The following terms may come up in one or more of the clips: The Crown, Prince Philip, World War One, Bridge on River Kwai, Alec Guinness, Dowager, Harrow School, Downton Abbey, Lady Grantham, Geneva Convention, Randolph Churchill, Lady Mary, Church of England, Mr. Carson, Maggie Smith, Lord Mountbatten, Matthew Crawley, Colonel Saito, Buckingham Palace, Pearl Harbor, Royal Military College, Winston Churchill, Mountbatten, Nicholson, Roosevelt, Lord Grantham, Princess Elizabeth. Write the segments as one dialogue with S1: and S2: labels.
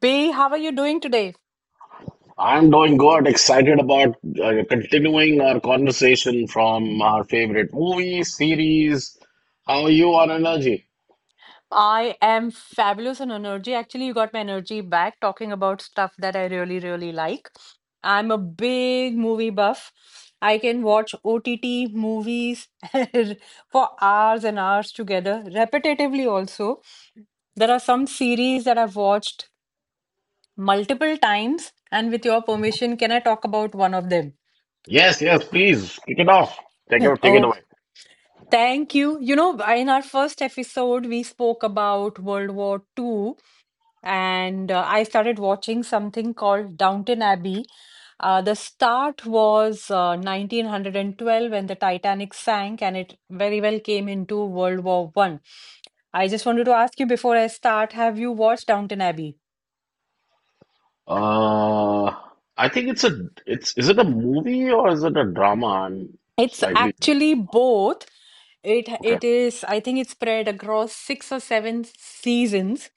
S1: B, how are you doing today?
S2: I'm doing good. Excited about continuing our conversation from our favorite movie series. How are you on energy?
S1: I am fabulous on energy. Actually, you got my energy back talking about stuff that I really, really like. I'm a big movie buff. I can watch OTT movies for hours and hours together, repetitively also. There are some series that I've watched multiple times, and with your permission, can I talk about one of them?
S2: Yes, yes, please kick it off. Take it, take it
S1: Oh,
S2: away.
S1: thank you. You know, in our first episode, we spoke about World War II. And I started watching something called Downton Abbey. The start was 1912 when the Titanic sank, and it very well came into World War I. I just wanted to ask you before I start, have you watched Downton Abbey?
S2: Uh, I think is it a movie or is it a drama? I'm
S1: It's
S2: slightly,
S1: actually both. It
S2: okay.
S1: it is, I think it's spread across six or seven seasons.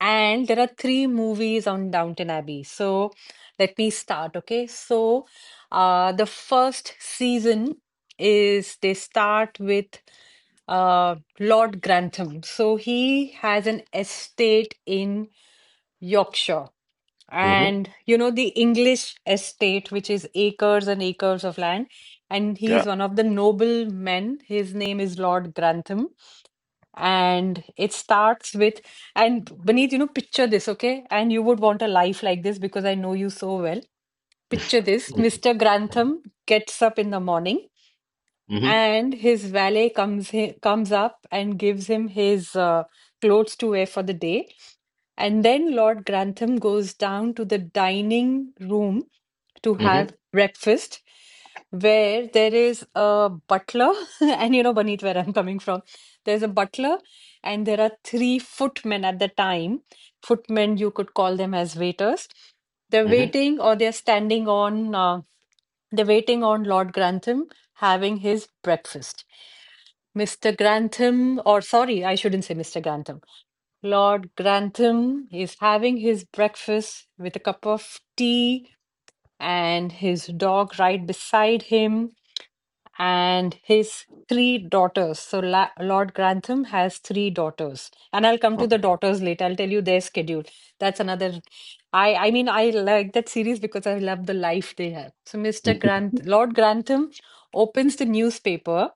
S1: And there are three movies on Downton Abbey. So let me start, okay? So the first season is they start with Lord Grantham. So he has an estate in Yorkshire.
S2: Mm-hmm.
S1: And you know, the English estate, which is acres and acres of land. And he's one of the noble men. His name is Lord Grantham, and it starts with, and Baneet, you know, picture this, okay? And you would want a life like this because I know you so well. Picture this.
S2: Mm-hmm.
S1: Mr. Grantham gets up in the morning,
S2: hmm
S1: and his valet comes he comes up and gives him his clothes to wear for the day. And then Lord Grantham goes down to the dining room to have breakfast, where there is a butler, and you know, Baneet, where I'm coming from, there's a butler, and there are three footmen at the time. Footmen, you could call them as waiters. They're
S2: hmm
S1: waiting, or they're standing on, they're waiting on Lord Grantham having his breakfast. Mr. Grantham, or sorry, I shouldn't say Mr. Grantham. Lord Grantham is having his breakfast with a cup of tea and his dog right beside him and his three daughters. So Lord Grantham has three daughters. And I'll come to the
S2: Okay.
S1: daughters later. I'll tell you their schedule. That's another. I mean, I like that series because I love the life they have. So Mr. Grant Lord Grantham opens the newspaper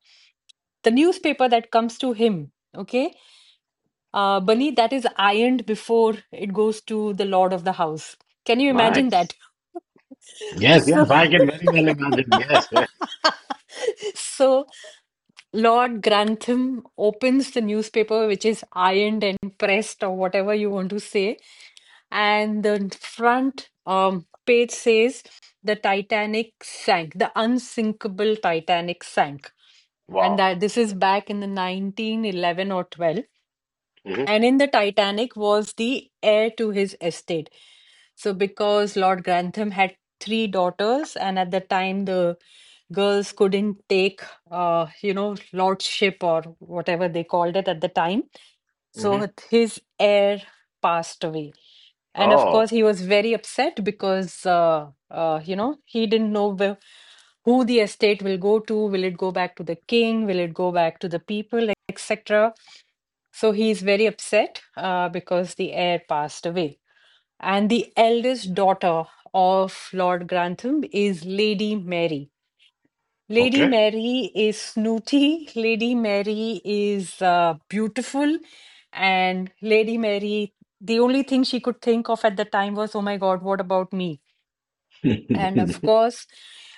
S1: the newspaper that comes to him, okay, Bunny, that is ironed before it goes to the lord of the house. Can you imagine
S2: Nice.
S1: that?
S2: Yes,
S1: So,
S2: yes, I can very well imagine. Yes, yes.
S1: so Lord Grantham opens the newspaper, which is ironed and pressed, or whatever you want to say, and the front page says the Titanic sank, the unsinkable Titanic sank, and
S2: Wow.
S1: that this is
S2: Okay.
S1: back in the 1911 or 12,
S2: Mm-hmm.
S1: and in the Titanic was the heir to his estate. So because Lord Grantham had three daughters, and at the time the girls couldn't take, lordship or whatever they called it at the time. So
S2: Mm-hmm.
S1: his heir passed away. And of
S2: Oh,
S1: course, he was very upset because, he didn't know where, who the estate will go to. Will it go back to the king? Will it go back to the people, etc.? So he's very upset because the heir passed away. And the eldest daughter of Lord Grantham is Lady Mary. Lady
S2: okay.
S1: Mary is snooty, Lady Mary is beautiful, and Lady Mary, the only thing she could think of at the time was, oh my God, what about me? And of course,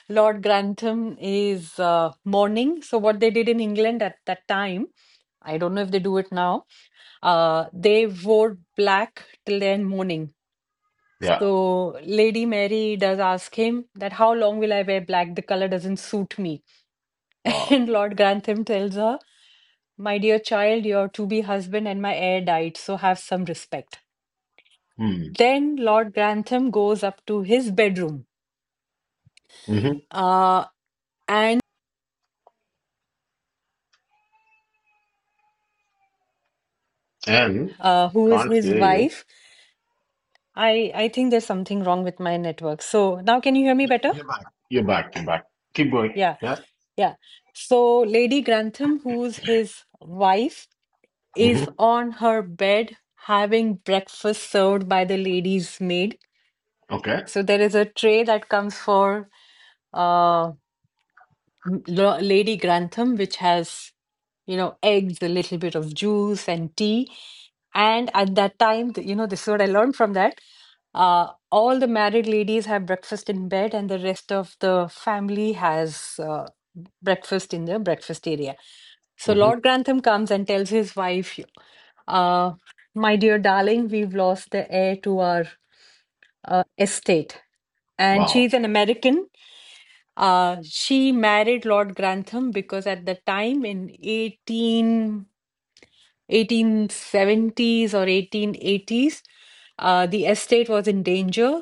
S1: Lord Grantham is mourning. So, what they did in England at that time, I don't know if they do it now, they wore black till their mourning.
S2: Yeah.
S1: So, Lady Mary does ask him that, how long will I wear black? The color doesn't suit me.
S2: Wow.
S1: And Lord Grantham tells her, my dear child, your to be husband and my heir died, so have some respect.
S2: Hmm.
S1: Then Lord Grantham goes up to his bedroom.
S2: Mm-hmm.
S1: Uh,
S2: And
S3: Who is
S2: can't
S3: his
S2: hear you.
S3: wife. I think there's something wrong with my network. So now can you hear me better?
S2: You're back. You're back. You're back. Keep going.
S3: Yeah,
S2: Yeah.
S3: yeah. So Lady Grantham, who's his wife, is
S2: Mm-hmm.
S3: on her bed having breakfast served by the lady's maid.
S2: Okay.
S3: So there is a tray that comes for uh Lady Grantham, which has, you know, eggs, a little bit of juice, and tea. And at that time, you know, this is what I learned from that. All the married ladies have breakfast in bed, and the rest of the family has breakfast in the breakfast area. So
S2: Mm-hmm.
S3: Lord Grantham comes and tells his wife, uh, "My dear darling, we've lost the heir to our estate." And
S2: Wow.
S3: she's an American, she married Lord Grantham because at the time in eighteen seventies or 1880s, the estate was in danger.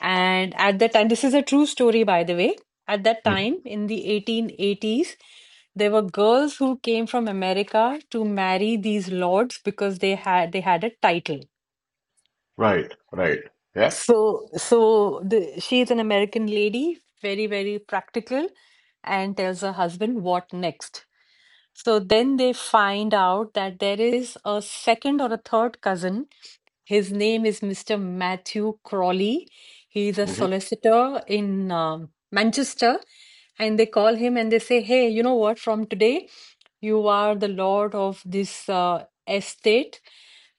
S3: And at that time, this is a true story, by the way. At that
S2: Mm-hmm.
S3: time, in the 1880s, there were girls who came from America to marry these lords because they had a title.
S2: Right. Right. Yeah.
S3: So she is an American lady, very, very practical, and tells her husband, "What next?" So then they find out that there is a second or a third cousin. His name is Mr. Matthew Crawley. He is a
S2: Mm-hmm.
S3: solicitor in Manchester, and they call him and they say, "Hey, you know what? From today, you are the lord of this estate,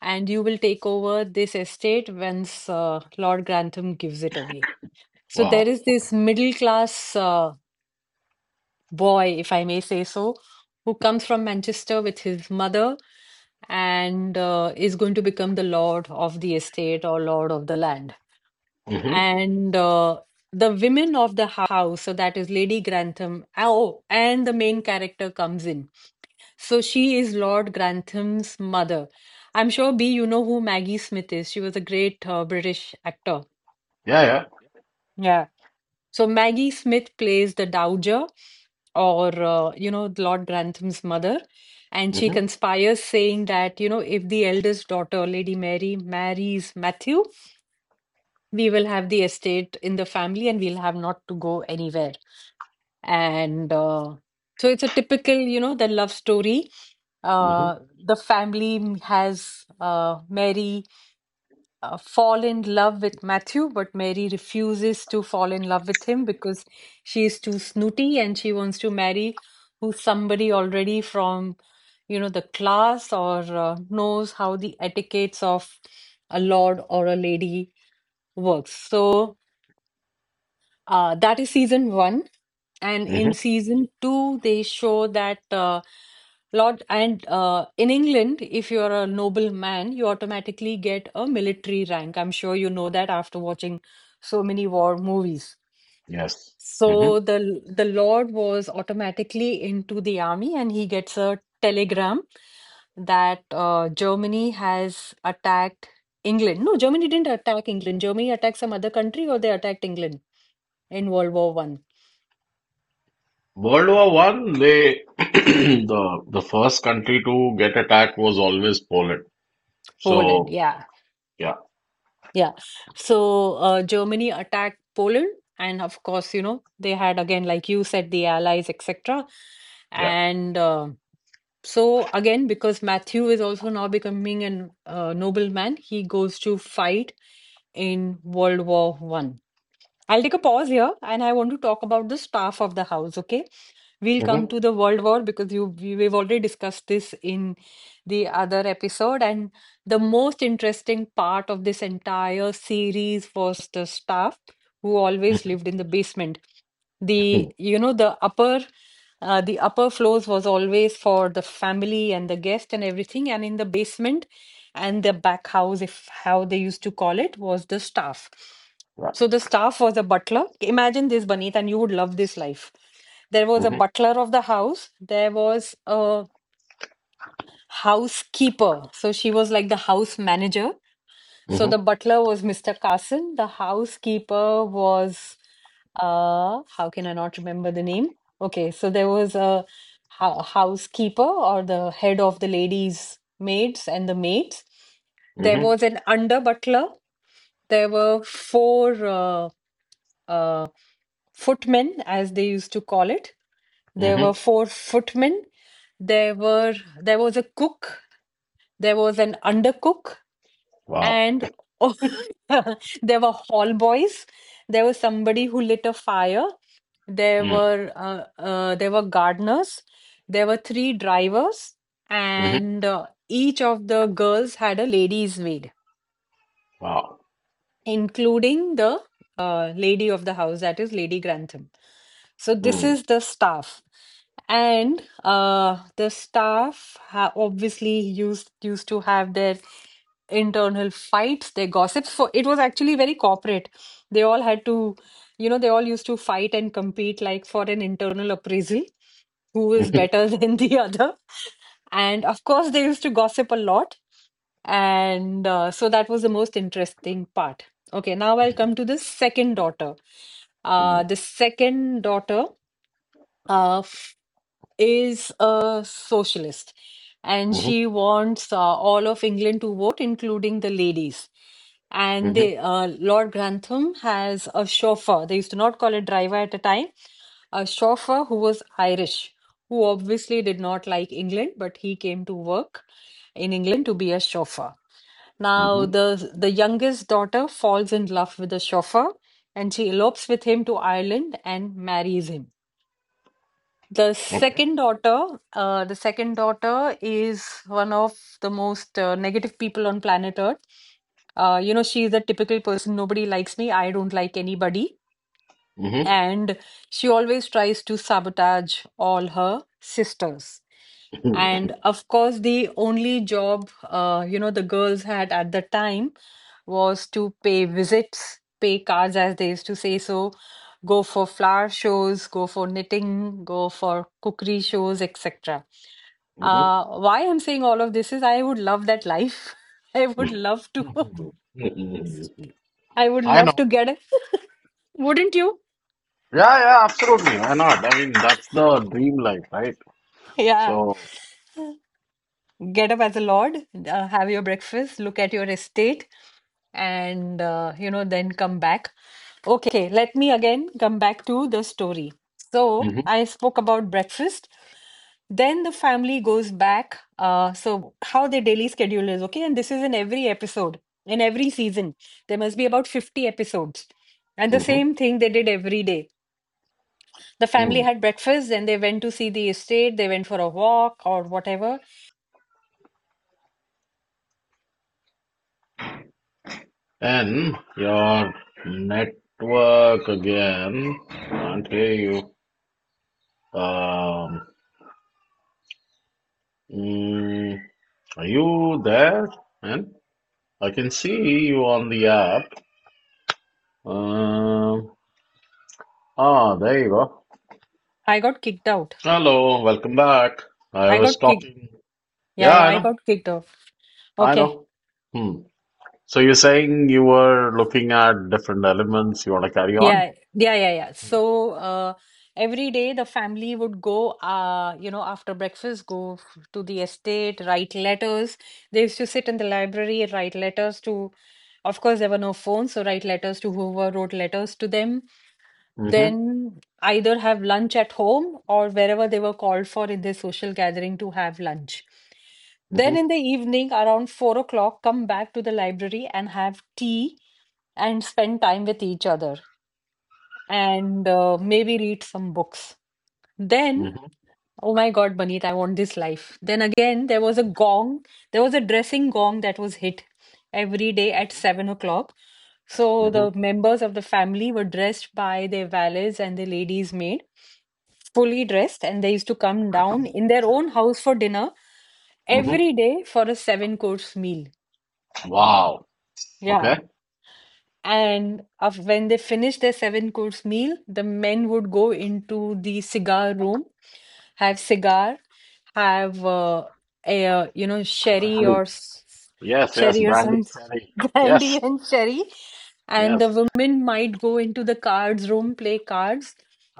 S3: and you will take over this estate once Lord Grantham gives it away." So there
S2: Wow.
S3: is this middle class boy, if I may say so, who comes from Manchester with his mother, and is going to become the lord of the estate or lord of the land.
S2: Mm-hmm.
S3: And the women of the house, so that is Lady Grantham, oh, and the main character comes in. So she is Lord Grantham's mother. I'm sure, B, you know who Maggie Smith is. She was a great British actor.
S2: Yeah. Yeah.
S3: So Maggie Smith plays the Dowager, or you know, Lord Grantham's mother, and she
S2: Mm-hmm.
S3: conspires, saying that, you know, if the eldest daughter, Lady Mary, marries Matthew, we will have the estate in the family, and we'll have not to go anywhere. And so it's a typical, you know, the love story.
S2: Mm-hmm.
S3: Uh, the family has Mary fall in love with Matthew, but Mary refuses to fall in love with him because she is too snooty and she wants to marry who's somebody already from, you know, the class or knows how the etiquettes of a lord or a lady works. So that is season one. And in
S2: Mm-hmm.
S3: season two, they show that Lord, and in England, if you're a nobleman, you automatically get a military rank. I'm sure you know that after watching so many war movies.
S2: Yes.
S3: So the Lord was automatically into the army, and he gets a telegram that Germany has attacked England. No, Germany didn't attack England. Germany attacked some other country, or they attacked England in World War I.
S2: World War I, they the first country to get attacked was always Poland.
S3: Poland,
S2: So
S3: yeah,
S2: yeah,
S3: yeah. So Germany attacked Poland, and of course, you know, they had, again, like you said, the Allies, etc.
S2: yeah.
S3: And So again, because Matthew is also now becoming a nobleman, he goes to fight in World War I. I'll take a pause here, and I want to talk about the staff of the house, okay? We'll come
S2: Mm-hmm.
S3: to the World War because we've already discussed this in the other episode. And the most interesting part of this entire series was the staff who always
S2: Mm-hmm.
S3: lived in the basement. The, you know, the upper floors was always for the family and the guest and everything, and in the basement and the back house, if how they used to call it, was the staff.
S2: Yeah.
S3: So the staff was a butler. Imagine this, Baneet, and you would love this life. There was a
S2: Mm-hmm.
S3: butler of the house. There was a housekeeper. So she was like the house manager. So the
S2: Mm-hmm.
S3: butler was Mr. Carson. The housekeeper was, how can I not remember the name? Okay, so there was a housekeeper, or the head of the ladies' maids and the maids. There
S2: Mm-hmm.
S3: was an under butler. There were four. Uh, uh, Footmen, as they used to call it. There were
S2: Mm-hmm.
S3: four footmen. There were there was a cook. There was an undercook,
S2: Wow.
S3: and oh, there were hall boys. There was somebody who lit a fire. There
S2: Mm-hmm.
S3: were gardeners. There were three drivers, and each of the girls had a lady's maid,
S2: Wow.
S3: including the lady of the house, that is Lady Grantham. So this
S2: Mm-hmm.
S3: is the staff. And the staff ha obviously used to have their internal fights, their gossips. For it was actually very corporate. They all had to, you know, they all used to fight and compete like for an internal appraisal, who is
S2: Mm-hmm.
S3: better than the other. And of course, they used to gossip a lot. And so that was the most interesting part. Okay, now I'll come to the second daughter.
S2: Mm-hmm.
S3: The second daughter uh, f- is a socialist, and she wants all of England to vote, including the ladies. And
S2: Mm-hmm.
S3: they, Lord Grantham has a chauffeur. They used to not call it driver at a time, a chauffeur who was Irish, who obviously did not like England, but he came to work in England to be a chauffeur. Now,
S2: Mm-hmm.
S3: the youngest daughter falls in love with the chauffeur, and she elopes with him to Ireland and marries him. The
S2: Okay.
S3: second daughter, the second daughter is one of the most negative people on planet Earth. You know, she is a typical person. Nobody likes me. I don't like anybody,
S2: Mm-hmm.
S3: and she always tries to sabotage all her sisters. And of course, the only job, you know, the girls had at the time was to pay visits, pay cards, as they used to say. So, go for flower shows, go for knitting, go for cookery shows, etc.
S2: Mm-hmm.
S3: Why I'm saying all of this is I would love that life. I would love to.
S2: Mm-hmm.
S3: I would
S2: I
S3: love to
S2: know.
S3: get it. Wouldn't you?
S2: Yeah, yeah, absolutely. Why not? I mean, that's the dream life, right?
S3: Yeah.
S2: So.
S3: Get up as a lord, have your breakfast, look at your estate, and you know, then come back. Okay, let me again come back to the story. So I spoke about breakfast. Then the family goes back. So how their daily schedule is, okay? And this is in every episode, in every season. There must be about 50 episodes. And the
S2: Mm-hmm.
S3: same thing they did every day. The family had breakfast, then they went to see the estate, they went for a walk or whatever
S2: In your network again until you um mm, are you there and I can see you on the app um there you go,
S1: I got kicked out.
S2: hello, welcome back. I
S1: I
S2: was
S1: got kicked.
S2: talking,
S1: Yeah,
S2: yeah,
S1: yeah,
S2: I
S1: I
S2: know,
S1: got kicked out.
S2: I
S1: Okay.
S2: know. Hmm. So you're saying you were looking at different elements, you want to carry on.
S1: Yeah, yeah, yeah, yeah. So, every day the family would go, after breakfast, go to the estate, write letters. They used to sit in the library and write letters to, of course, there were no phones, so write letters to whoever wrote letters to them.
S2: Mm-hmm,
S1: Then either have lunch at home or wherever they were called for in their social gathering to have lunch.
S2: mm-hmm,
S1: Then in the evening, around 4 o'clock, come back to the library and have tea and spend time with each other and maybe read some books.
S2: mm-hmm,
S1: Then.
S2: mm-hmm,
S1: Oh my God, Banit, I want this life. Then again, there was a gong. There was a dressing gong that was hit every day at 7 o'clock. So
S2: mm-hmm.
S1: the members of the family were dressed by their valets and the ladies maid, fully dressed, and they used to come down in their own house for dinner
S2: Mm-hmm.
S1: every day for a seven course meal.
S2: Wow.
S1: Yeah.
S2: Okay,
S1: And of when they finished their seven course meal, the men would go into the cigar room, have cigar, have a sherry
S2: Brandy.
S1: or
S2: Yes, yes,
S1: sherry or
S2: Brandy
S1: some
S2: said.
S1: brandy
S2: Yes,
S1: and sherry, and
S2: yes.
S1: the women might go into the cards room, play cards,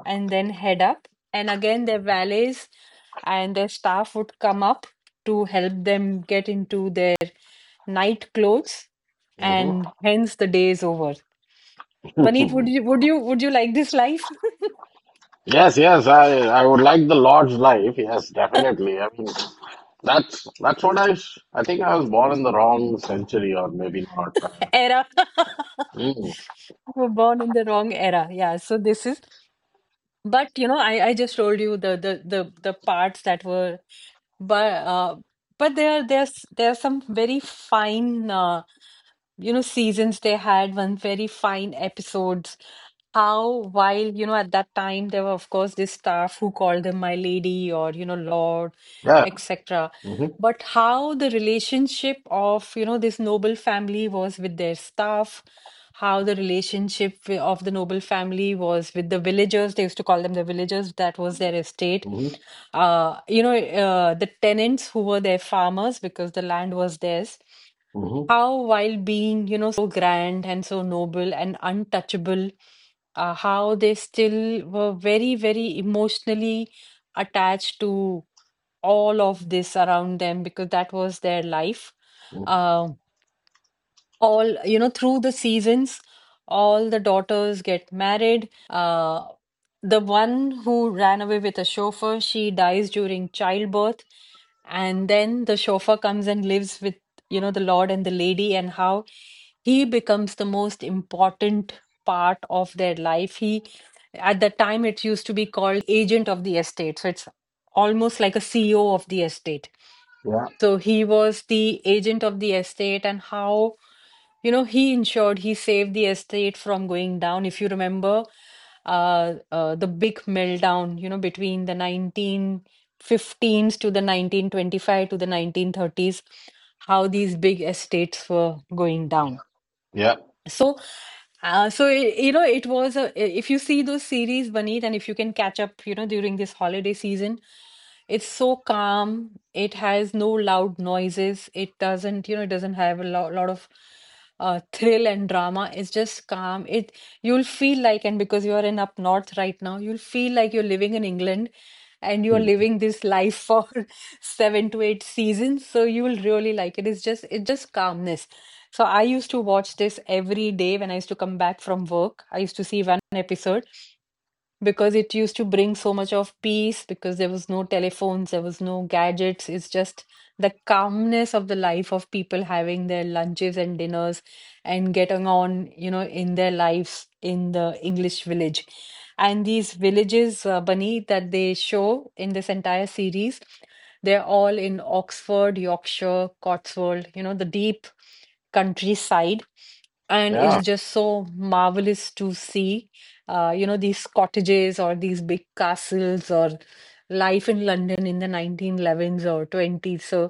S1: and then head up. And again, their valets and their staff would come up to help them get into their night clothes,
S2: Mm-hmm.
S1: and hence the day is over. Puneet, would you would
S2: Wow.
S1: you would you like this life
S2: Yes, yes. I would like the Lord's life. Yes, definitely. I mean, that's what I think I was born in the wrong century, or maybe not.
S1: era?
S2: Mm,
S1: We're born in the wrong era. Yeah. So this is, but you know, I just told you the parts that were, but uh, but there's some very fine. Seasons, they had one very fine episodes, how while you know at that time, there were of course this staff who called them my lady, or you know, lord,
S2: yeah.
S1: etc.,
S2: Mm-hmm.
S1: but how the relationship of, you know, this noble family was with their staff, how the relationship of the noble family was with the villagers. They used to call them the villagers that was their estate,
S2: Mm-hmm.
S1: the tenants who were their farmers because the land was theirs.
S2: Mm-hmm.
S1: How while being, you know, so grand and so noble and untouchable, how they still were very, very emotionally attached to all of this around them, because that was their life.
S2: Mm-hmm.
S1: Um, all, you know, through the seasons, all the daughters get married. The one who ran away with a chauffeur, she dies during childbirth, and then the chauffeur comes and lives with, you know, the lord and the lady, and how he becomes the most important part of their life. He At the time, it used to be called agent of the estate, so it's almost like a CEO of the estate.
S2: Yeah.
S1: So he was the agent of the estate, and how, he ensured he saved the estate from going down. If you remember, the big meltdown, you know, between the 1915s to the 1925 to the 1930s, how these big estates were going
S2: Yeah.
S1: down.
S2: Yeah.
S1: So, so it, it was a. If you see those series, Baneet, and if you can catch up, you know, during this holiday season, it's so calm. It has no loud noises. It doesn't have a lot, lot of thrill and drama. It's just calm. It you'll feel like, and because you are in up north right now, you'll feel like you're living in England, and you're
S2: Hmm.
S1: living this life for seven to eight seasons. So you will really like it. It's just calmness. So I used to watch this every day when I used to come back from work. I used to see one episode because it used to bring so much of peace, because there was no telephones, there was no gadgets. It's just the calmness of the life of people having their lunches and dinners and getting on, in their lives in the English village. And these villages, Bunny, that they show in this entire series, they're all in Oxford, Yorkshire, Cotswold, the deep countryside. And it's
S2: Yeah.
S1: just so marvelous to see these cottages or these big castles or life in London in the 1911s or 20s. So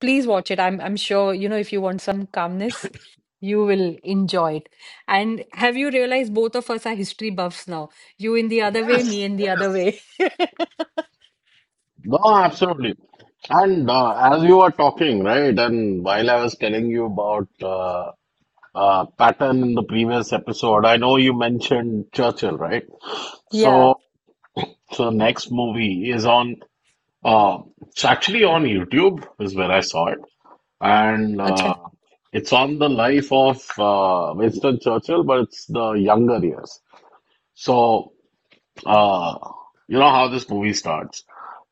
S1: please watch it. I'm sure, if you want some calmness, you will enjoy it. And have you realized both of us are history buffs now? You in the other way,
S2: Yes.
S1: me in the other
S2: Yes.
S1: way.
S2: No, absolutely. And as you were talking, right, and while I was telling you about pattern in the previous episode, I know you mentioned Churchill, right?
S1: Yeah.
S2: So, so next movie is on. It's actually on YouTube, is where I saw it, and
S1: Acha.
S2: it's on the life of Winston Churchill, but it's the younger years. So, uh, you know how this movie starts.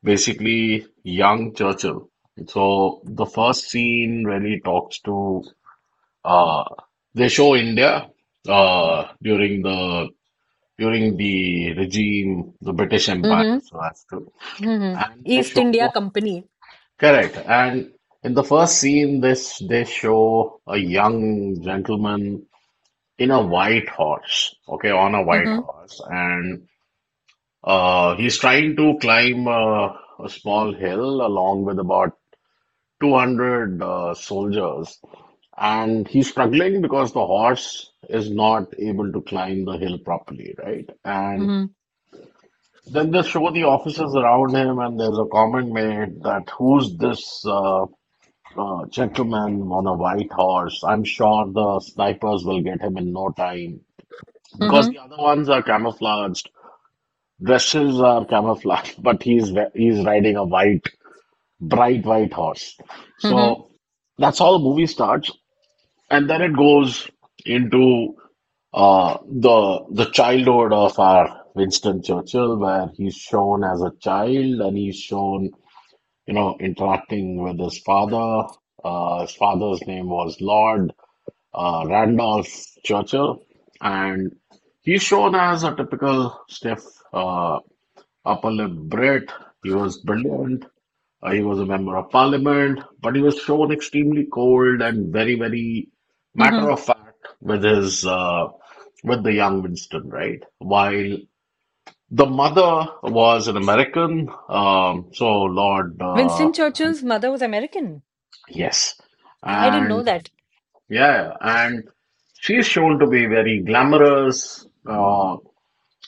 S2: Basically, young Churchill. So the first scene really talks to. Uh, they show India uh, during the during the regime, the British Empire,
S1: Mm-hmm.
S2: so as to.
S1: Mm-hmm.
S2: And they
S1: East India
S2: show
S1: Company.
S2: correct. And in the first scene, this they show a young gentleman in a white horse, okay, on a white
S1: Mm-hmm.
S2: horse, and he's trying to climb a small hill along with about 200 soldiers. And he's struggling because the horse is not able to climb the hill properly, right? And
S1: Mm-hmm.
S2: then they show the officers around him, and there's a comment made that, who's this gentleman on a white horse? I'm sure the snipers will get him in no time because
S1: Mm-hmm.
S2: the other ones are camouflaged. Dresses are camouflaged, but he's riding a white, bright white horse.
S1: Mm-hmm.
S2: So that's how the movie starts, and then it goes into. The childhood of our Winston Churchill, where he's shown as a child and he's shown, you know, interacting with his father. His father's name was Lord Randolph Churchill, and he's shown as a typical stiff uh, upper lip Brit. He was brilliant, he was a member of parliament, but he was shown extremely cold and very, very
S1: Mm-hmm.
S2: matter of fact with his with the young Winston, right? While the mother was an American, so Lord,
S1: Winston Churchill's mother was American.
S2: yes,
S1: I didn't know
S2: and
S1: that.
S2: yeah, and she is shown to be very glamorous,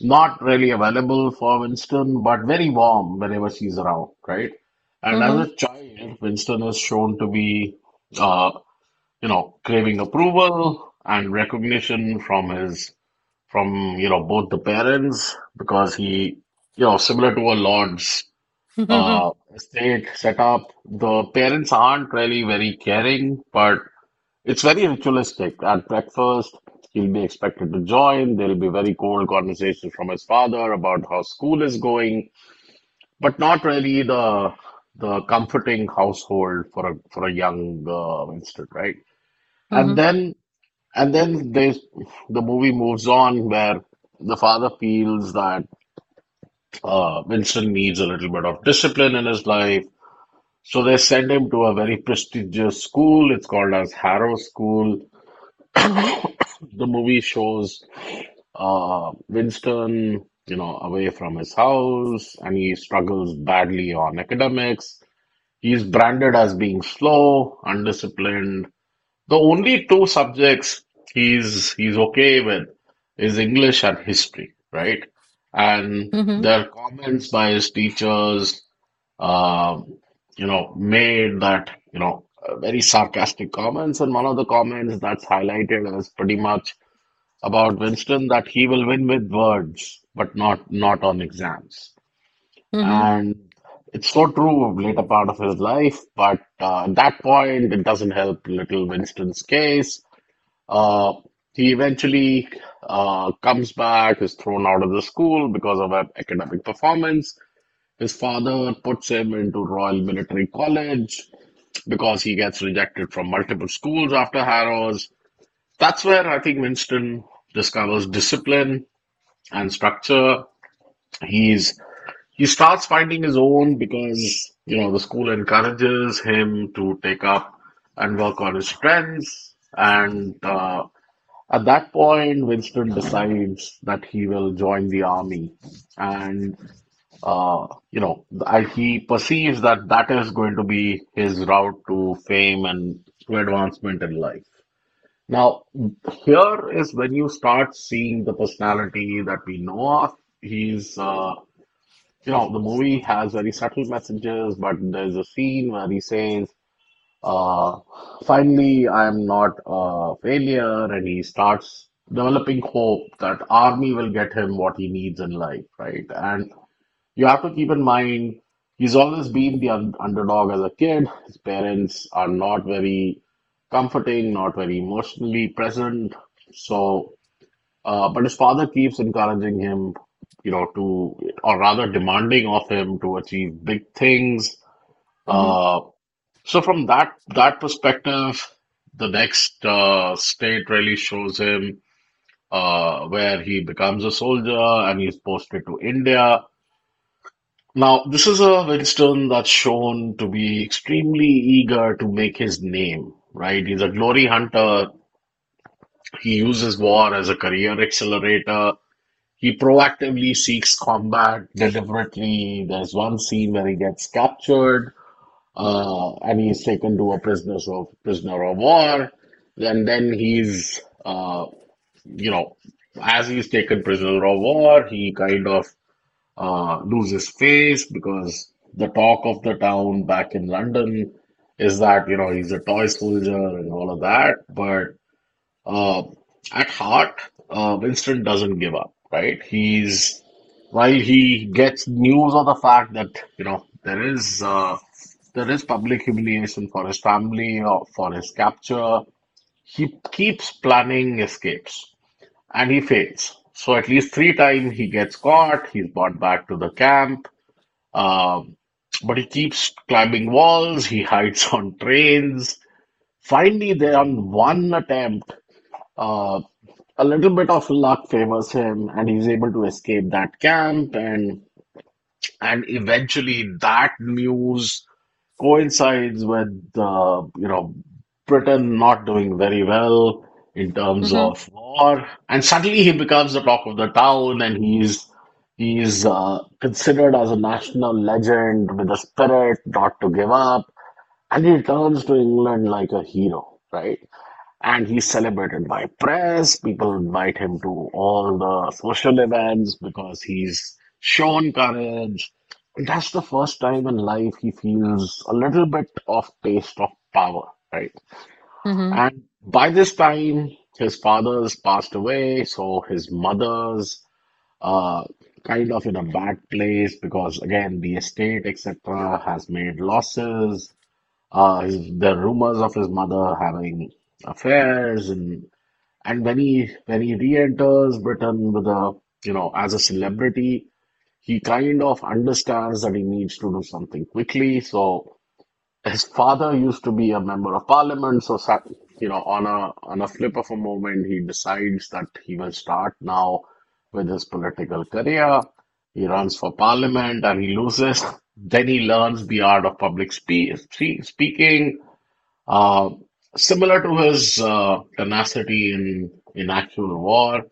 S2: not really available for Winston, but very warm whenever she's around, right? And
S1: Mm-hmm.
S2: as a child, Winston is shown to be, uh, you know, craving approval and recognition from his, from, you know, both the parents because he, you know, similar to a lord's estate setup, the parents aren't really very caring, but it's very ritualistic. At breakfast, he'll be expected to join. There'll be very cold conversations from his father about how school is going, but not really the comforting household for a young Winston, right? And
S1: Mm-hmm.
S2: then and then there's the movie moves on where the father feels that Winston needs a little bit of discipline in his life. So they send him to a very prestigious school. It's called as Harrow School.
S1: Mhm.
S2: The movie shows Winston, you know, away from his house, and he struggles badly on academics. He's branded as being slow, undisciplined. The only two subjects he's okay with is English and history, right? And
S1: Mhm.
S2: their comments by his teachers, um, you know, made that, you know, very sarcastic comments. And one of the comments that's highlighted as pretty much about Winston that he will win with words, but not on exams.
S1: Mhm.
S2: And it's so true of later part of his life, but at that point, it doesn't help little Winston's case. Uh, he eventually comes back, is thrown out of the school because of academic performance. His father puts him into Royal Military College because he gets rejected from multiple schools after Harrow's. That's where I think Winston discovers discipline and structure. He's he starts finding his own because you know the school encourages him to take up and work on his strengths. And at that point, Winston decides that he will join the army, and you know he perceives that that is going to be his route to fame and to advancement in life. Now, here is when you start seeing the personality that we know of. He's, you know, the movie has very subtle messages, but there's a scene where he says, uh, finally, I'm not a failure, and he starts developing hope that army will get him what he needs in life, right? And you have to keep in mind, he's always been the un underdog as a kid. His parents are not very comforting, not very emotionally present. So but his father keeps encouraging him, you know, to, or rather demanding of him to achieve big things.
S1: Mhm.
S2: Uh, so from that perspective, the next state really shows him where he becomes a soldier and he's posted to India. Now, this is a Winston that's shown to be extremely eager to make his name, right? He's a glory hunter. He uses war as a career accelerator. He proactively seeks combat deliberately. There's one scene where he gets captured and he's taken to a prisoner of war, and then he's, you know, as he's taken prisoner of war, he kind of loses face because the talk of the town back in London is that you know he's a toy soldier and all of that, but uh, at heart, Winston doesn't give up, right? He's while he gets news of the fact that you know there is public humiliation for his family or for his capture, he keeps planning escapes and he fails. So at least three times he gets caught. He's brought back to the camp, um, but he keeps climbing walls. He hides on trains. Finally, there on one attempt uh, a little bit of luck favors him, and he's able to escape that camp, and eventually that news coincides with you know Britain not doing very well in terms
S1: Mhm.
S2: of war, and suddenly he becomes the talk of the town, and he's considered as a national legend with a spirit not to give up, and he returns to England like a hero, right? And he's celebrated by press. People invite him to all the social events because he's shown courage. And that's the first time in life he feels a little bit of taste of power, right?
S1: Mhm.
S2: And by this time, his father's passed away, so his mother's uh, kind of in a bad place because, again, the estate, etc., has made losses. The rumors of his mother having affairs, and when he re-enters Britain with a, you know, as a celebrity, he kind of understands that he needs to do something quickly. So his father used to be a member of parliament, so you know, on a flip of a moment, he decides that he will start now with his political career. He runs for parliament and he loses. Then he learns the art of public speaking. Uh, Similar to his tenacity in actual war,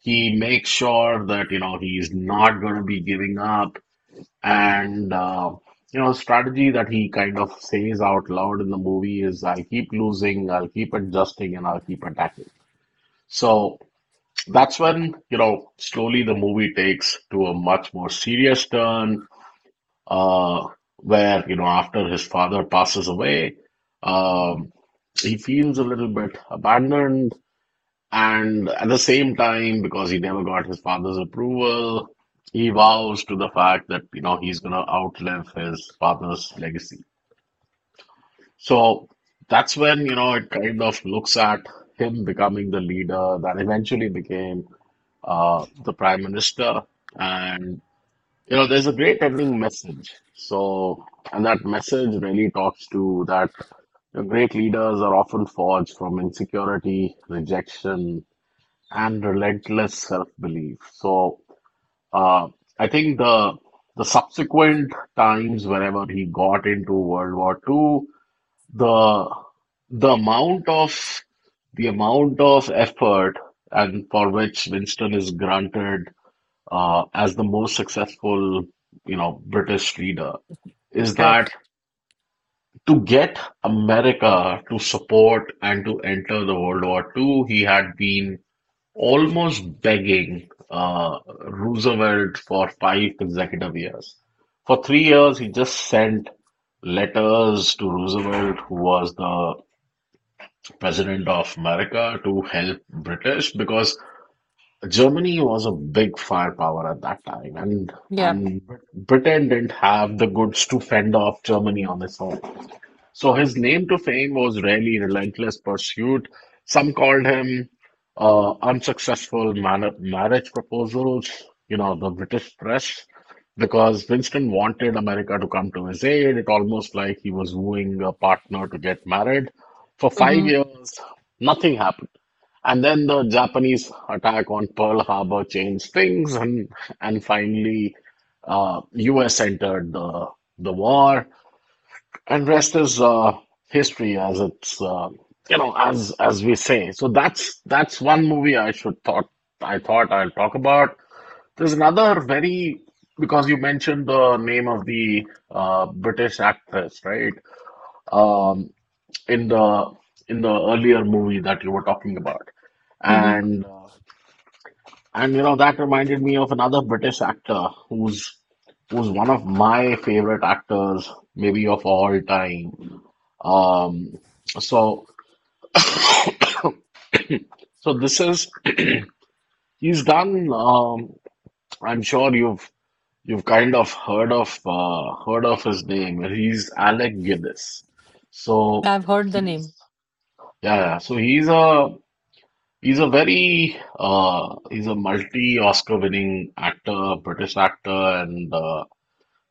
S2: he makes sure that he's not going to be giving up, and the strategy that he kind of says out loud in the movie is, "I'll keep losing, I'll keep adjusting, and I'll keep attacking." So that's when slowly the movie takes to a much more serious turn, uh, where after his father passes away, um, he feels a little bit abandoned, and at the same time, because he never got his father's approval, he vows to the fact that he's gonna outlive his father's legacy. So that's when it kind of looks at him becoming the leader that eventually became the prime minister. and. There's a great ending message. So, and that message really talks to that, great leaders are often forged from insecurity, rejection, and relentless self-belief. So, uh, I think the subsequent times whenever he got into World War II, the the amount of the amount of effort and for which Winston is granted, as the most successful, you know, British leader, is that
S1: Correct.
S2: to get America to support and to enter the World War II, he had been almost begging, Roosevelt for 5 consecutive years. For 3 years, he just sent letters to Roosevelt, who was the president of America, to help British because Germany was a big firepower at that time, and
S1: Yeah.
S2: and Brit- Britain didn't have the goods to fend off Germany on its own. So his name to fame was really relentless pursuit. Some called him, unsuccessful man marriage proposals, you know, the British press, because Winston wanted America to come to his aid. It almost like he was wooing a partner to get married. For five
S1: Mhm.
S2: years, nothing happened. And then the Japanese attack on Pearl Harbor changed things, and finally, U.S. entered the war, and rest is, history, as it's as we say. So that's one movie I thought I'll talk about. There's another, very because you mentioned the name of the, British actress, right? Um, in the in the earlier movie that you were talking about.
S1: Mhm.
S2: and. That reminded me of another British actor who's one of my favorite actors, maybe of all time. Um, so so this is he's done, I'm sure you've kind of heard of his name. He's Alec Guinness. So
S1: I've heard the
S2: he's
S1: name.
S2: Yeah, yeah. He's a multi-Oscar winning actor, British actor, and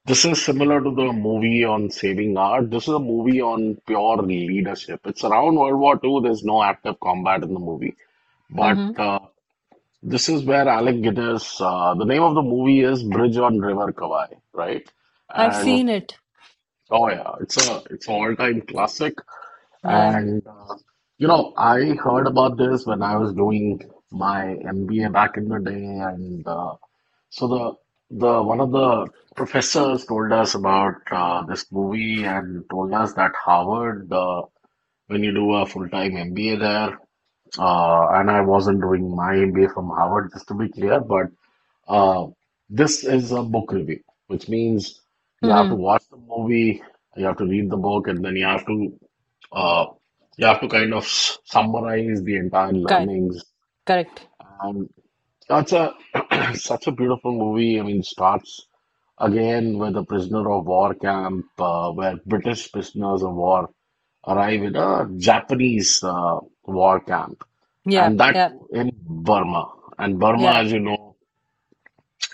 S2: this is similar to the movie on Saving Art. This is a movie on pure leadership. It's around World War II. There's no active combat in the movie, but
S1: Mhm.
S2: this is where Alec Guinness. The name of the movie is Bridge on River Kwai, right?
S1: I've
S2: And
S1: seen it.
S2: oh yeah, it's an all-time classic.
S1: Yeah.
S2: And I heard about this when I was doing my MBA back in the day, and so the one of the professors told us about, this movie, and told us that Harvard, when you do a full-time MBA there, and I wasn't doing my MBA from Harvard, just to be clear, but uh, this is a book review, which means you have to
S1: Mhm.
S2: watch the movie, you have to read the book, and then uh, you have to kind of summarize the entire
S1: Correct.
S2: learnings.
S1: Correct.
S2: And that's a such a beautiful movie. I mean, it starts again with a prisoner of war camp, where British prisoners of war arrive in a Japanese, war camp,
S1: Yeah.
S2: and that
S1: Yeah.
S2: too in Burma. And Burma,
S1: Yeah.
S2: as you know,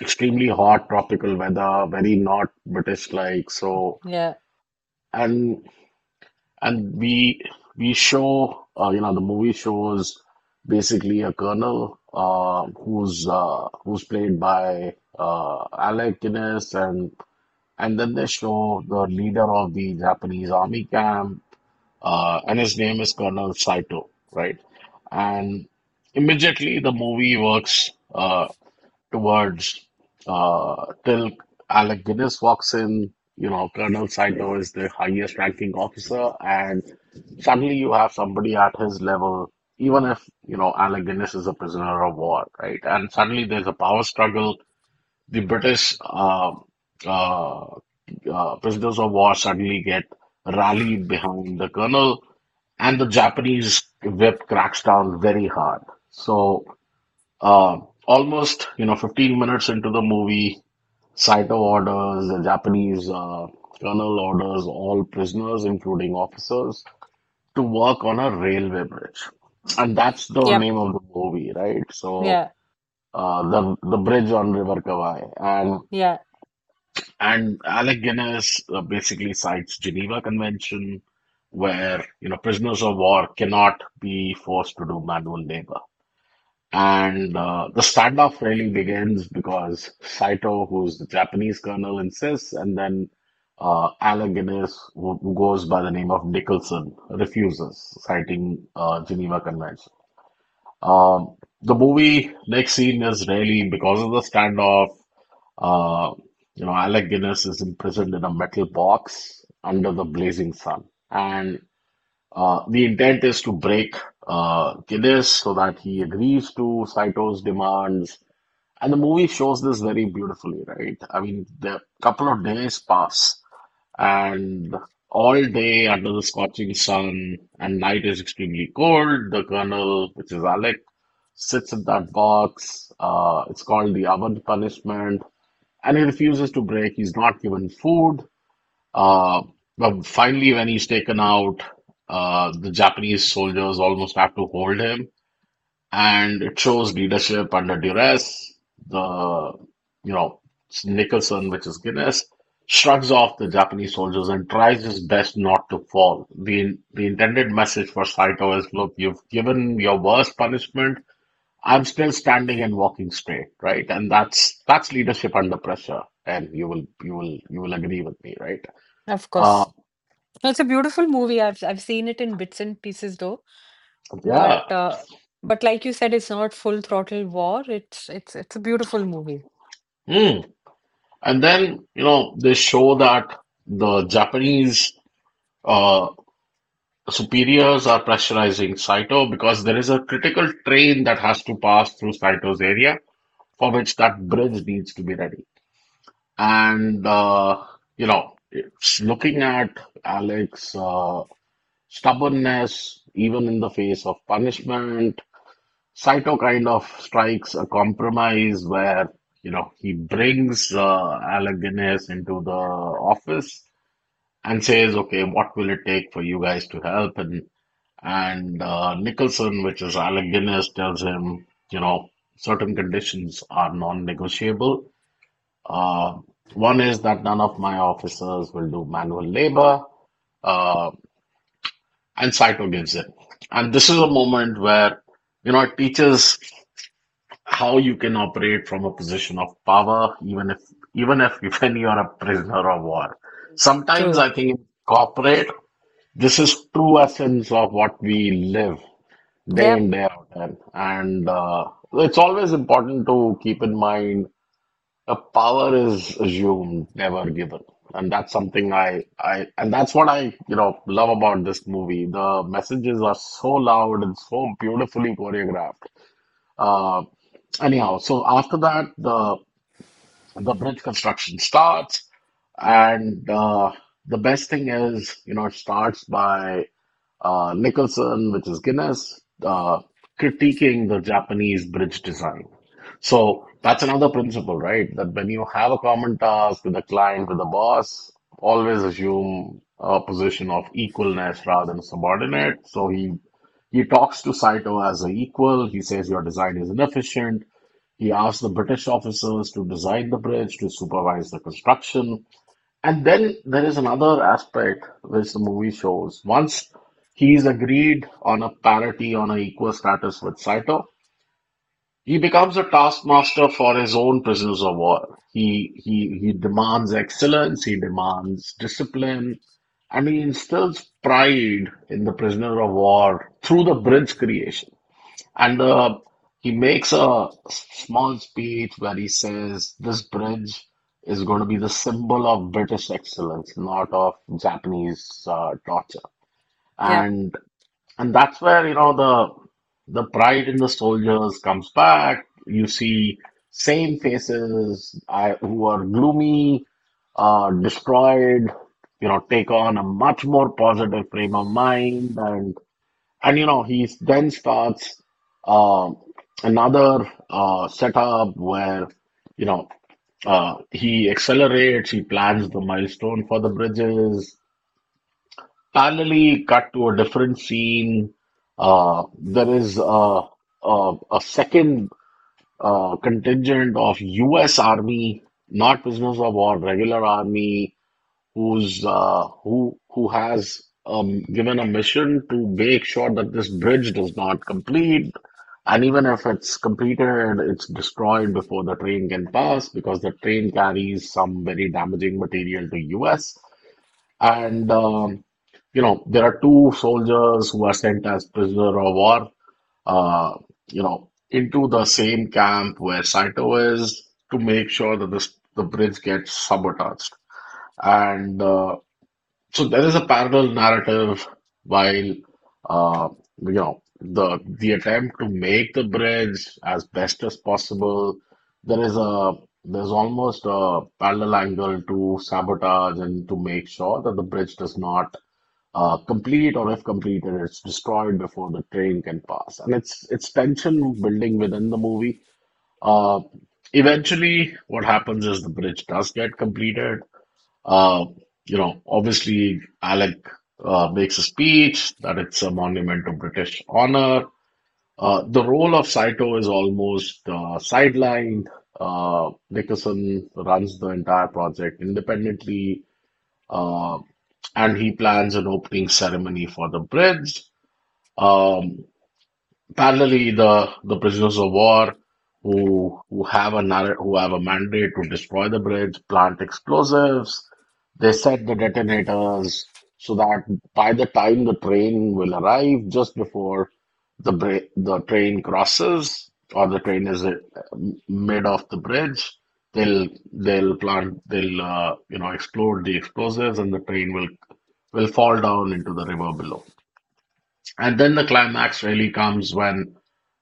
S2: extremely hot tropical weather, very not British-like. So.
S1: Yeah.
S2: And. And we show you know The movie shows basically a colonel, who's played by, Alec Guinness, and then they show the leader of the Japanese army camp, and his name is Colonel Saito, right, and immediately the movie works, towards uh, till Alec Guinness walks in. You know, Colonel Saito is the highest ranking officer, and suddenly you have somebody at his level, even if, you know, Alec Guinness is a prisoner of war, right? And suddenly there's a power struggle. The British uh, prisoners of war suddenly get rallied behind the colonel, and the Japanese whip cracks down very hard. So, uh, almost, you know, 15 minutes into the movie, Saito orders the Japanese colonel orders all prisoners, including officers, to work on a railway bridge, and that's the
S1: Yep.
S2: name of the movie, right? So,
S1: Yeah.
S2: the bridge on River Kawai, and
S1: Yeah.
S2: and Alec Guinness, basically cites Geneva Convention, where prisoners of war cannot be forced to do manual labor. And the standoff really begins because Saito, who's the Japanese colonel, insists, and then, Alec Guinness, who goes by the name of Nicholson, refuses, citing, Geneva Convention. Um, the movie next scene is really because of the standoff. Uh, Alec Guinness is imprisoned in a metal box under the blazing sun. And. The intent is to break, Gideon so that he agrees to Saito's demands. And the movie shows this very beautifully, right? I mean, the couple of days pass, and all day under the scorching sun, and night is extremely cold. The colonel, which is Alec, sits in that box. It's called the oven punishment, and he refuses to break. He's not given food. Uh, but finally, when he's taken out, the Japanese soldiers almost have to hold him, and it shows leadership under duress. The, you know Nicholson, which is Guinness, shrugs off the Japanese soldiers and tries his best not to fall. The intended message for Saito is: "Look, you've given your worst punishment. I'm still standing and walking straight, right? And that's leadership under pressure, and you will agree with me, right?"
S1: Of
S2: Uh,
S1: course. It's a beautiful movie. I've seen it in bits and pieces though, but
S2: Yeah.
S1: but like you said, it's not full throttle war. It's a beautiful movie.
S2: Mm. And then, you know, they show that the Japanese, uh, superiors are pressurizing Saito because there is a critical train that has to pass through Saito's area for which that bridge needs to be ready. And, you know, it's looking at Alex's, stubbornness, even in the face of punishment, Saito kind of strikes a compromise where, you know, he brings, Alec Guinness into the office and says, "Okay, what will it take for you guys to help?" And Nicholson, which is Alec Guinness, tells him, you know, certain conditions are non-negotiable. Uh, one is that none of my officers will do manual labor, uh, and Saito gives in. And this is a moment where, you know, it teaches how you can operate from a position of power, even if when you are a prisoner of war. Sometimes
S1: True.
S2: I think in corporate, this is true essence of what we live day
S1: Yep.
S2: in day out, and it's always important to keep in mind the power is assumed, never given. And that's something I, and that's what I, you know, love about this movie. The messages are so loud and so beautifully choreographed, uh, anyhow, so after that, the bridge construction starts, and, the best thing is, you know, it starts by, Nicholson, which is Guinness, critiquing the Japanese bridge design. So that's another principle, right? That when you have a common task with a client, with a boss, always assume a position of equalness rather than subordinate. So he talks to Saito as an equal. He says your design is inefficient. He asked the British officers to design the bridge, to supervise the construction. And then there is another aspect which the movie shows. Once he's agreed on a parity, on an equal status with Saito, he becomes a taskmaster for his own prisoners of war. He demands excellence, he demands discipline, and he instills pride in the prisoner of war through the bridge creation. And, he makes a small speech where he says this bridge is going to be the symbol of British excellence, not of Japanese, torture.
S1: Yep.
S2: And and that's where, you know, the pride in the soldiers comes back. You see same faces, who are gloomy, destroyed, you know, take on a much more positive frame of mind, and he then starts, um, another, setup where, you know, he accelerates, he plans the milestone for the bridges. Parallelly, cut to a different scene. There is a second, contingent of US Army, not prisoners of war, regular army who has, given a mission to make sure that this bridge does not complete, and even if it's completed, it's destroyed before the train can pass because the train carries some very damaging material to U.S. And there are two soldiers who are sent as prisoner of war, uh, into the same camp where Saito is to make sure that this the bridge gets sabotaged. And so there is a parallel narrative. While uh, the attempt to make the bridge as best as possible, there is a there's almost a parallel angle to sabotage and to make sure that the bridge does not complete, or if completed, it's destroyed before the train can pass. And it's tension building within the movie. uh, Eventually what happens is the bridge does get completed. uh, Obviously, Alec makes a speech that it's a monument of British honor. The role of Saito is almost sidelined. Nicholson runs the entire project independently, uh, and he plans an opening ceremony for the bridge. Um, Parallelly, the prisoners of war, who have who have a mandate to destroy the bridge, plant explosives. They set the detonators so that by the time the train will arrive, just before the train crosses, or the train is mid of the bridge, they'll they'll explode the explosives and the train will fall down into the river below. And then the climax really comes when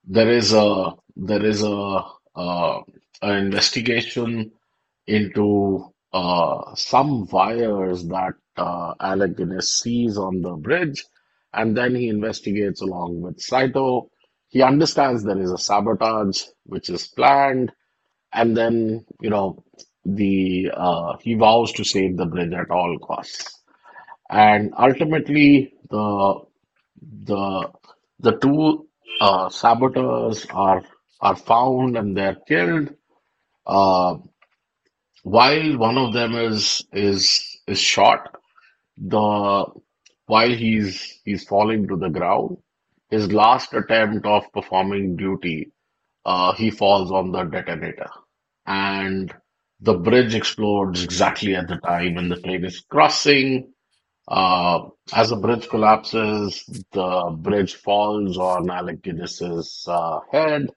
S2: there is a uh, an investigation into some wires that Alec Guinness sees on the bridge, and then he investigates along with Saito. He understands there is a sabotage which is planned, and then you know the he vows to save the bridge at all costs. And ultimately, the the two saboteurs are found and they're killed. Uh, while one of them is shot, the while he's falling to the ground, his last attempt of performing duty, he falls on the detonator, and the bridge explodes exactly at the time when the plane is crossing. uh, as the bridge collapses, the bridge falls on Alcibiades' head.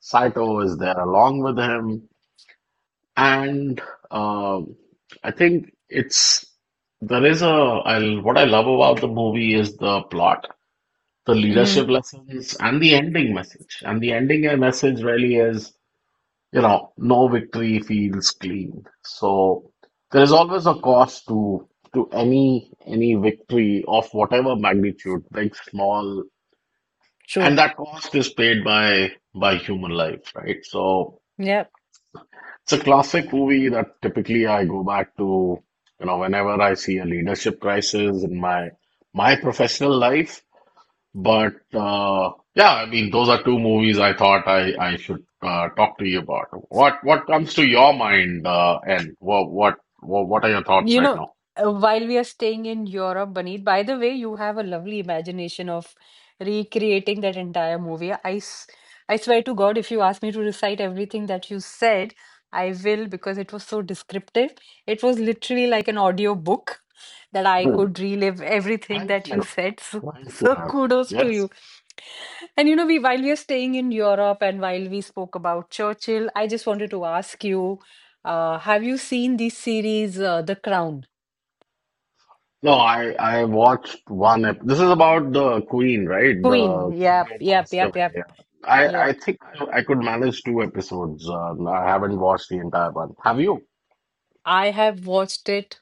S2: Saito is there along with him, and um I think it's there is a I, what I love about the movie is the plot, the leadership
S1: Mhm.
S2: lessons, and the ending message. And the ending message really is, no victory feels clean. So there is always a cost to any victory of whatever magnitude, big, small, and
S1: True.
S2: that cost is paid by human life, right? So
S1: Yep.
S2: it's a classic movie that typically I go back to, you know, whenever I see a leadership crisis in my professional life. But yeah, I mean, those are two movies I thought I should talk to you about. What comes to your mind, and what are your thoughts
S1: You
S2: right
S1: know,
S2: now?
S1: while we are staying in Europe, Baneet, by the way, you have a lovely imagination of recreating that entire movie. I swear to God, if you ask me to recite everything that you said, I will, because it was so descriptive. It was literally like an audio book that I
S2: Hmm.
S1: could relive everything
S2: Thank
S1: that you
S2: you,
S1: said. So,
S2: thank you,
S1: so
S2: man.
S1: kudos to you.
S2: Yes.
S1: And you know, we while we are staying in Europe and while we spoke about Churchill, I just wanted to ask you. Have you seen this series, The Crown?
S2: No, I watched one. Ep this is about the Queen, right? The
S1: Queen.
S2: Queen who passed away.
S1: Yep,
S2: Yeah.
S1: yep.
S2: I think I could manage two episodes. I haven't watched the entire one. Have you?
S1: I have watched it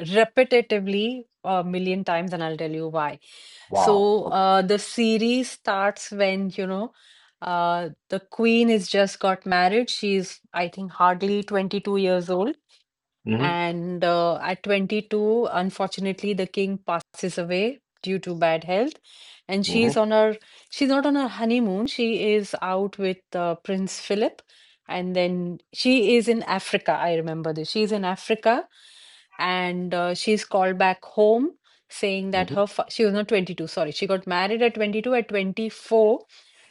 S1: repetitively a million times, and I'll tell you why.
S2: Wow.
S1: So,
S2: Okay.
S1: the series starts when, the queen has just got married. She's, I think, hardly 22 years old.
S2: Mm-hmm.
S1: And at 22, unfortunately, the king passes away due to bad health. And she's
S2: Mm-hmm.
S1: on her, she's not on her honeymoon. She is out with Prince Philip. And then she is in Africa. I remember this. She's in Africa and she's called back home saying that
S2: Mm-hmm.
S1: her, fa she was not 22, sorry. She got married at 22. At 24,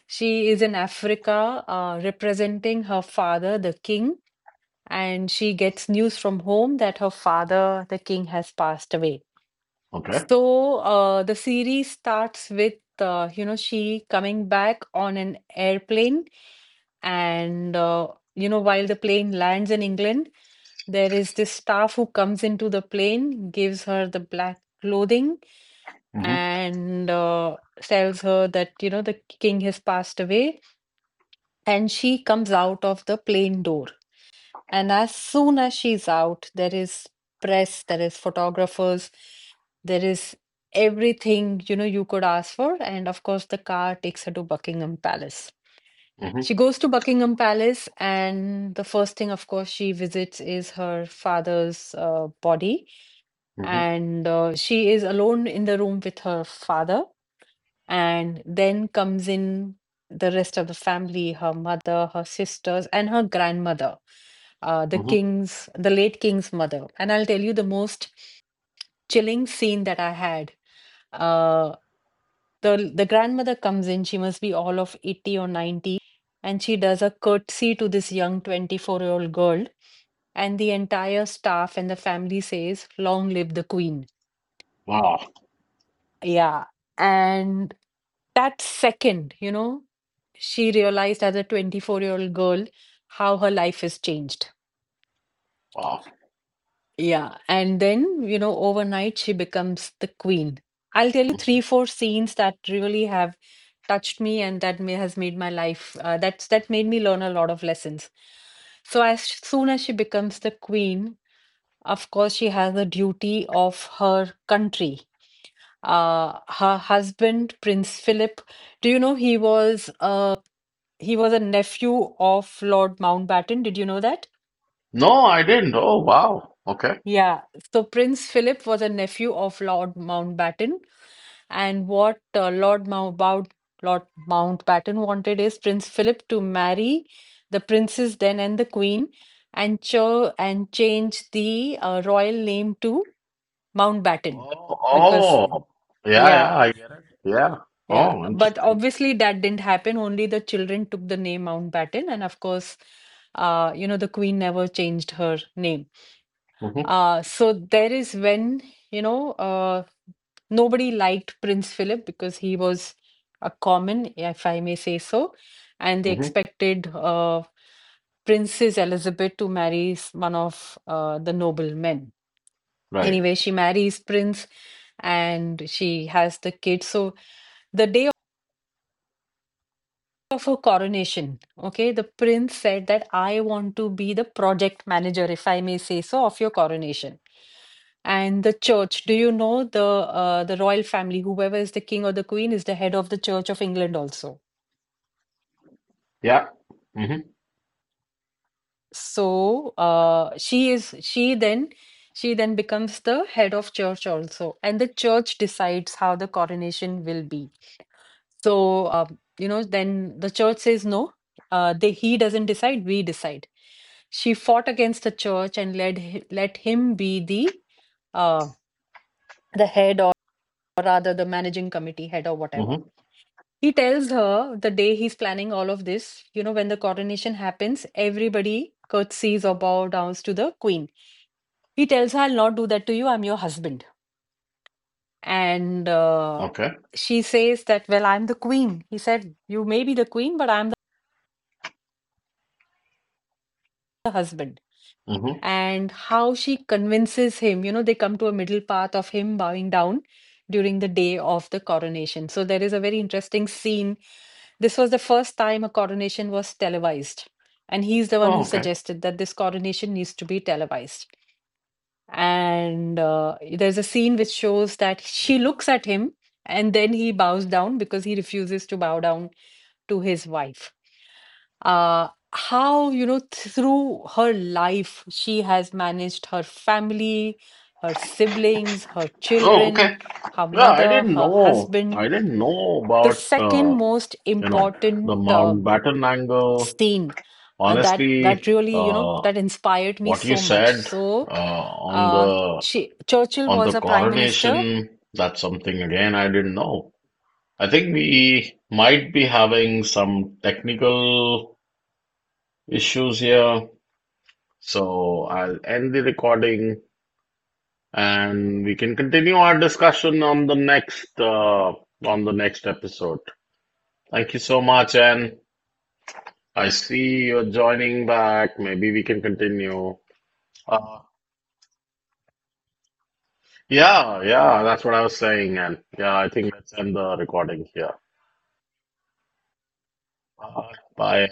S1: she is in Africa representing her father, the king, and she gets news from home that her father, the king, has passed away.
S2: Okay.
S1: So, the series starts with, she coming back on an airplane. And, you know, while the plane lands in England, there is this staff who comes into the plane, gives her the black clothing,
S2: Mm-hmm.
S1: and tells her that, you know, the king has passed away. And she comes out of the plane door. And as soon as she's out, there is press, there is photographers. There is everything, you know, you could ask for. And of course, the car takes her to Buckingham Palace.
S2: Mm-hmm.
S1: She goes to Buckingham Palace, and the first thing, of course, she visits is her father's body. And she is alone in the room with her father. And then comes in the rest of the family, her mother, her sisters, and her grandmother, the
S2: Mm-hmm.
S1: king's, the late king's mother. And I'll tell you the most chilling scene that I had. Uh, the grandmother comes in, she must be all of 80 or 90, and she does a curtsy to this young 24-year-old girl, and the entire staff and the family says, "Long live the queen."
S2: Wow.
S1: Yeah. And that second, you know, she realized as a 24-year-old girl how her life has changed.
S2: Wow.
S1: Yeah. And then, you know, overnight she becomes the queen. I'll tell you
S2: Hmm.
S1: three, four scenes that really have touched me and that may, has made my life, that's, that made me learn a lot of lessons. So, as soon as she becomes the queen, of course, she has the duty of her country. Her husband, Prince Philip, do you know he was a nephew of Lord Mountbatten. Did you know that?
S2: No, I didn't. Oh, wow. Okay.
S1: Yeah. So Prince Philip was a nephew of Lord Mountbatten, and what Lord Mountbatten wanted is Prince Philip to marry the princess then and the queen, and cho and change the royal name to Mountbatten,
S2: Oh,
S1: because
S2: oh. Yeah, yeah,
S1: yeah.
S2: I get it. Yeah.
S1: Yeah,
S2: Oh,
S1: but
S2: interesting.
S1: obviously that didn't happen. Only the children took the name Mountbatten, and of course, the queen never changed her name.
S2: Mm-hmm.
S1: So there is when, you know, uh, nobody liked Prince Philip because he was a common, if I may say so, and they
S2: Mm-hmm.
S1: expected Princess Elizabeth to marry one of the noblemen.
S2: Right.
S1: Anyway, she marries Prince and she has the kid. So the day of her coronation, okay, the prince said that I want to be the project manager, if I may say so, of your coronation. And the church, do you know the royal family, whoever is the king or the queen, is the head of the Church of England also.
S2: Yeah. Mm-hmm.
S1: So she is she then becomes the head of church also, and the church decides how the coronation will be. So, you know, then the church says no. He doesn't decide, we decide. She fought against the church and let him be uh, the head or rather the managing committee head or whatever.
S2: Mm-hmm.
S1: He tells her the day he's planning all of this, you know, when the coronation happens, everybody curtsies or bow downs to the queen. He tells her, I'll not do that to you, I'm your husband. And
S2: Okay.
S1: she says that, Well, I'm the queen. He said, You may be the queen, but I'm the husband.
S2: Mm-hmm.
S1: And how she convinces him. You know, they come to a middle path of him bowing down during the day of the coronation. So there is a very interesting scene. This was the first time a coronation was televised. And he's the one
S2: Oh,
S1: who
S2: okay.
S1: suggested that this coronation needs to be televised. And there's a scene which shows that she looks at him and then he bows down, because he refuses to bow down to his wife. How, you know, through her life, she has managed her family, her siblings, her
S2: Oh,
S1: children,
S2: okay.
S1: her
S2: Yeah, I
S1: mother,
S2: didn't
S1: her
S2: know. I
S1: husband.
S2: didn't know
S1: The
S2: about
S1: second most
S2: you know,
S1: important
S2: the Mountbatten angle.
S1: scene that
S2: Honestly,
S1: really, you know, that inspired me
S2: what you
S1: so much.
S2: said
S1: So,
S2: on
S1: uh,
S2: the
S1: Ch Churchill was a prime minister
S2: coronation, that's something again I didn't know. I think we might be having some technical issues here, so I'll end the recording and we can continue our discussion on the next episode. Thank you so much, and I see you're joining back. Maybe we can continue. Uh, yeah, yeah, that's what I was saying, and yeah, I think let's end the recording here. Uh, bye.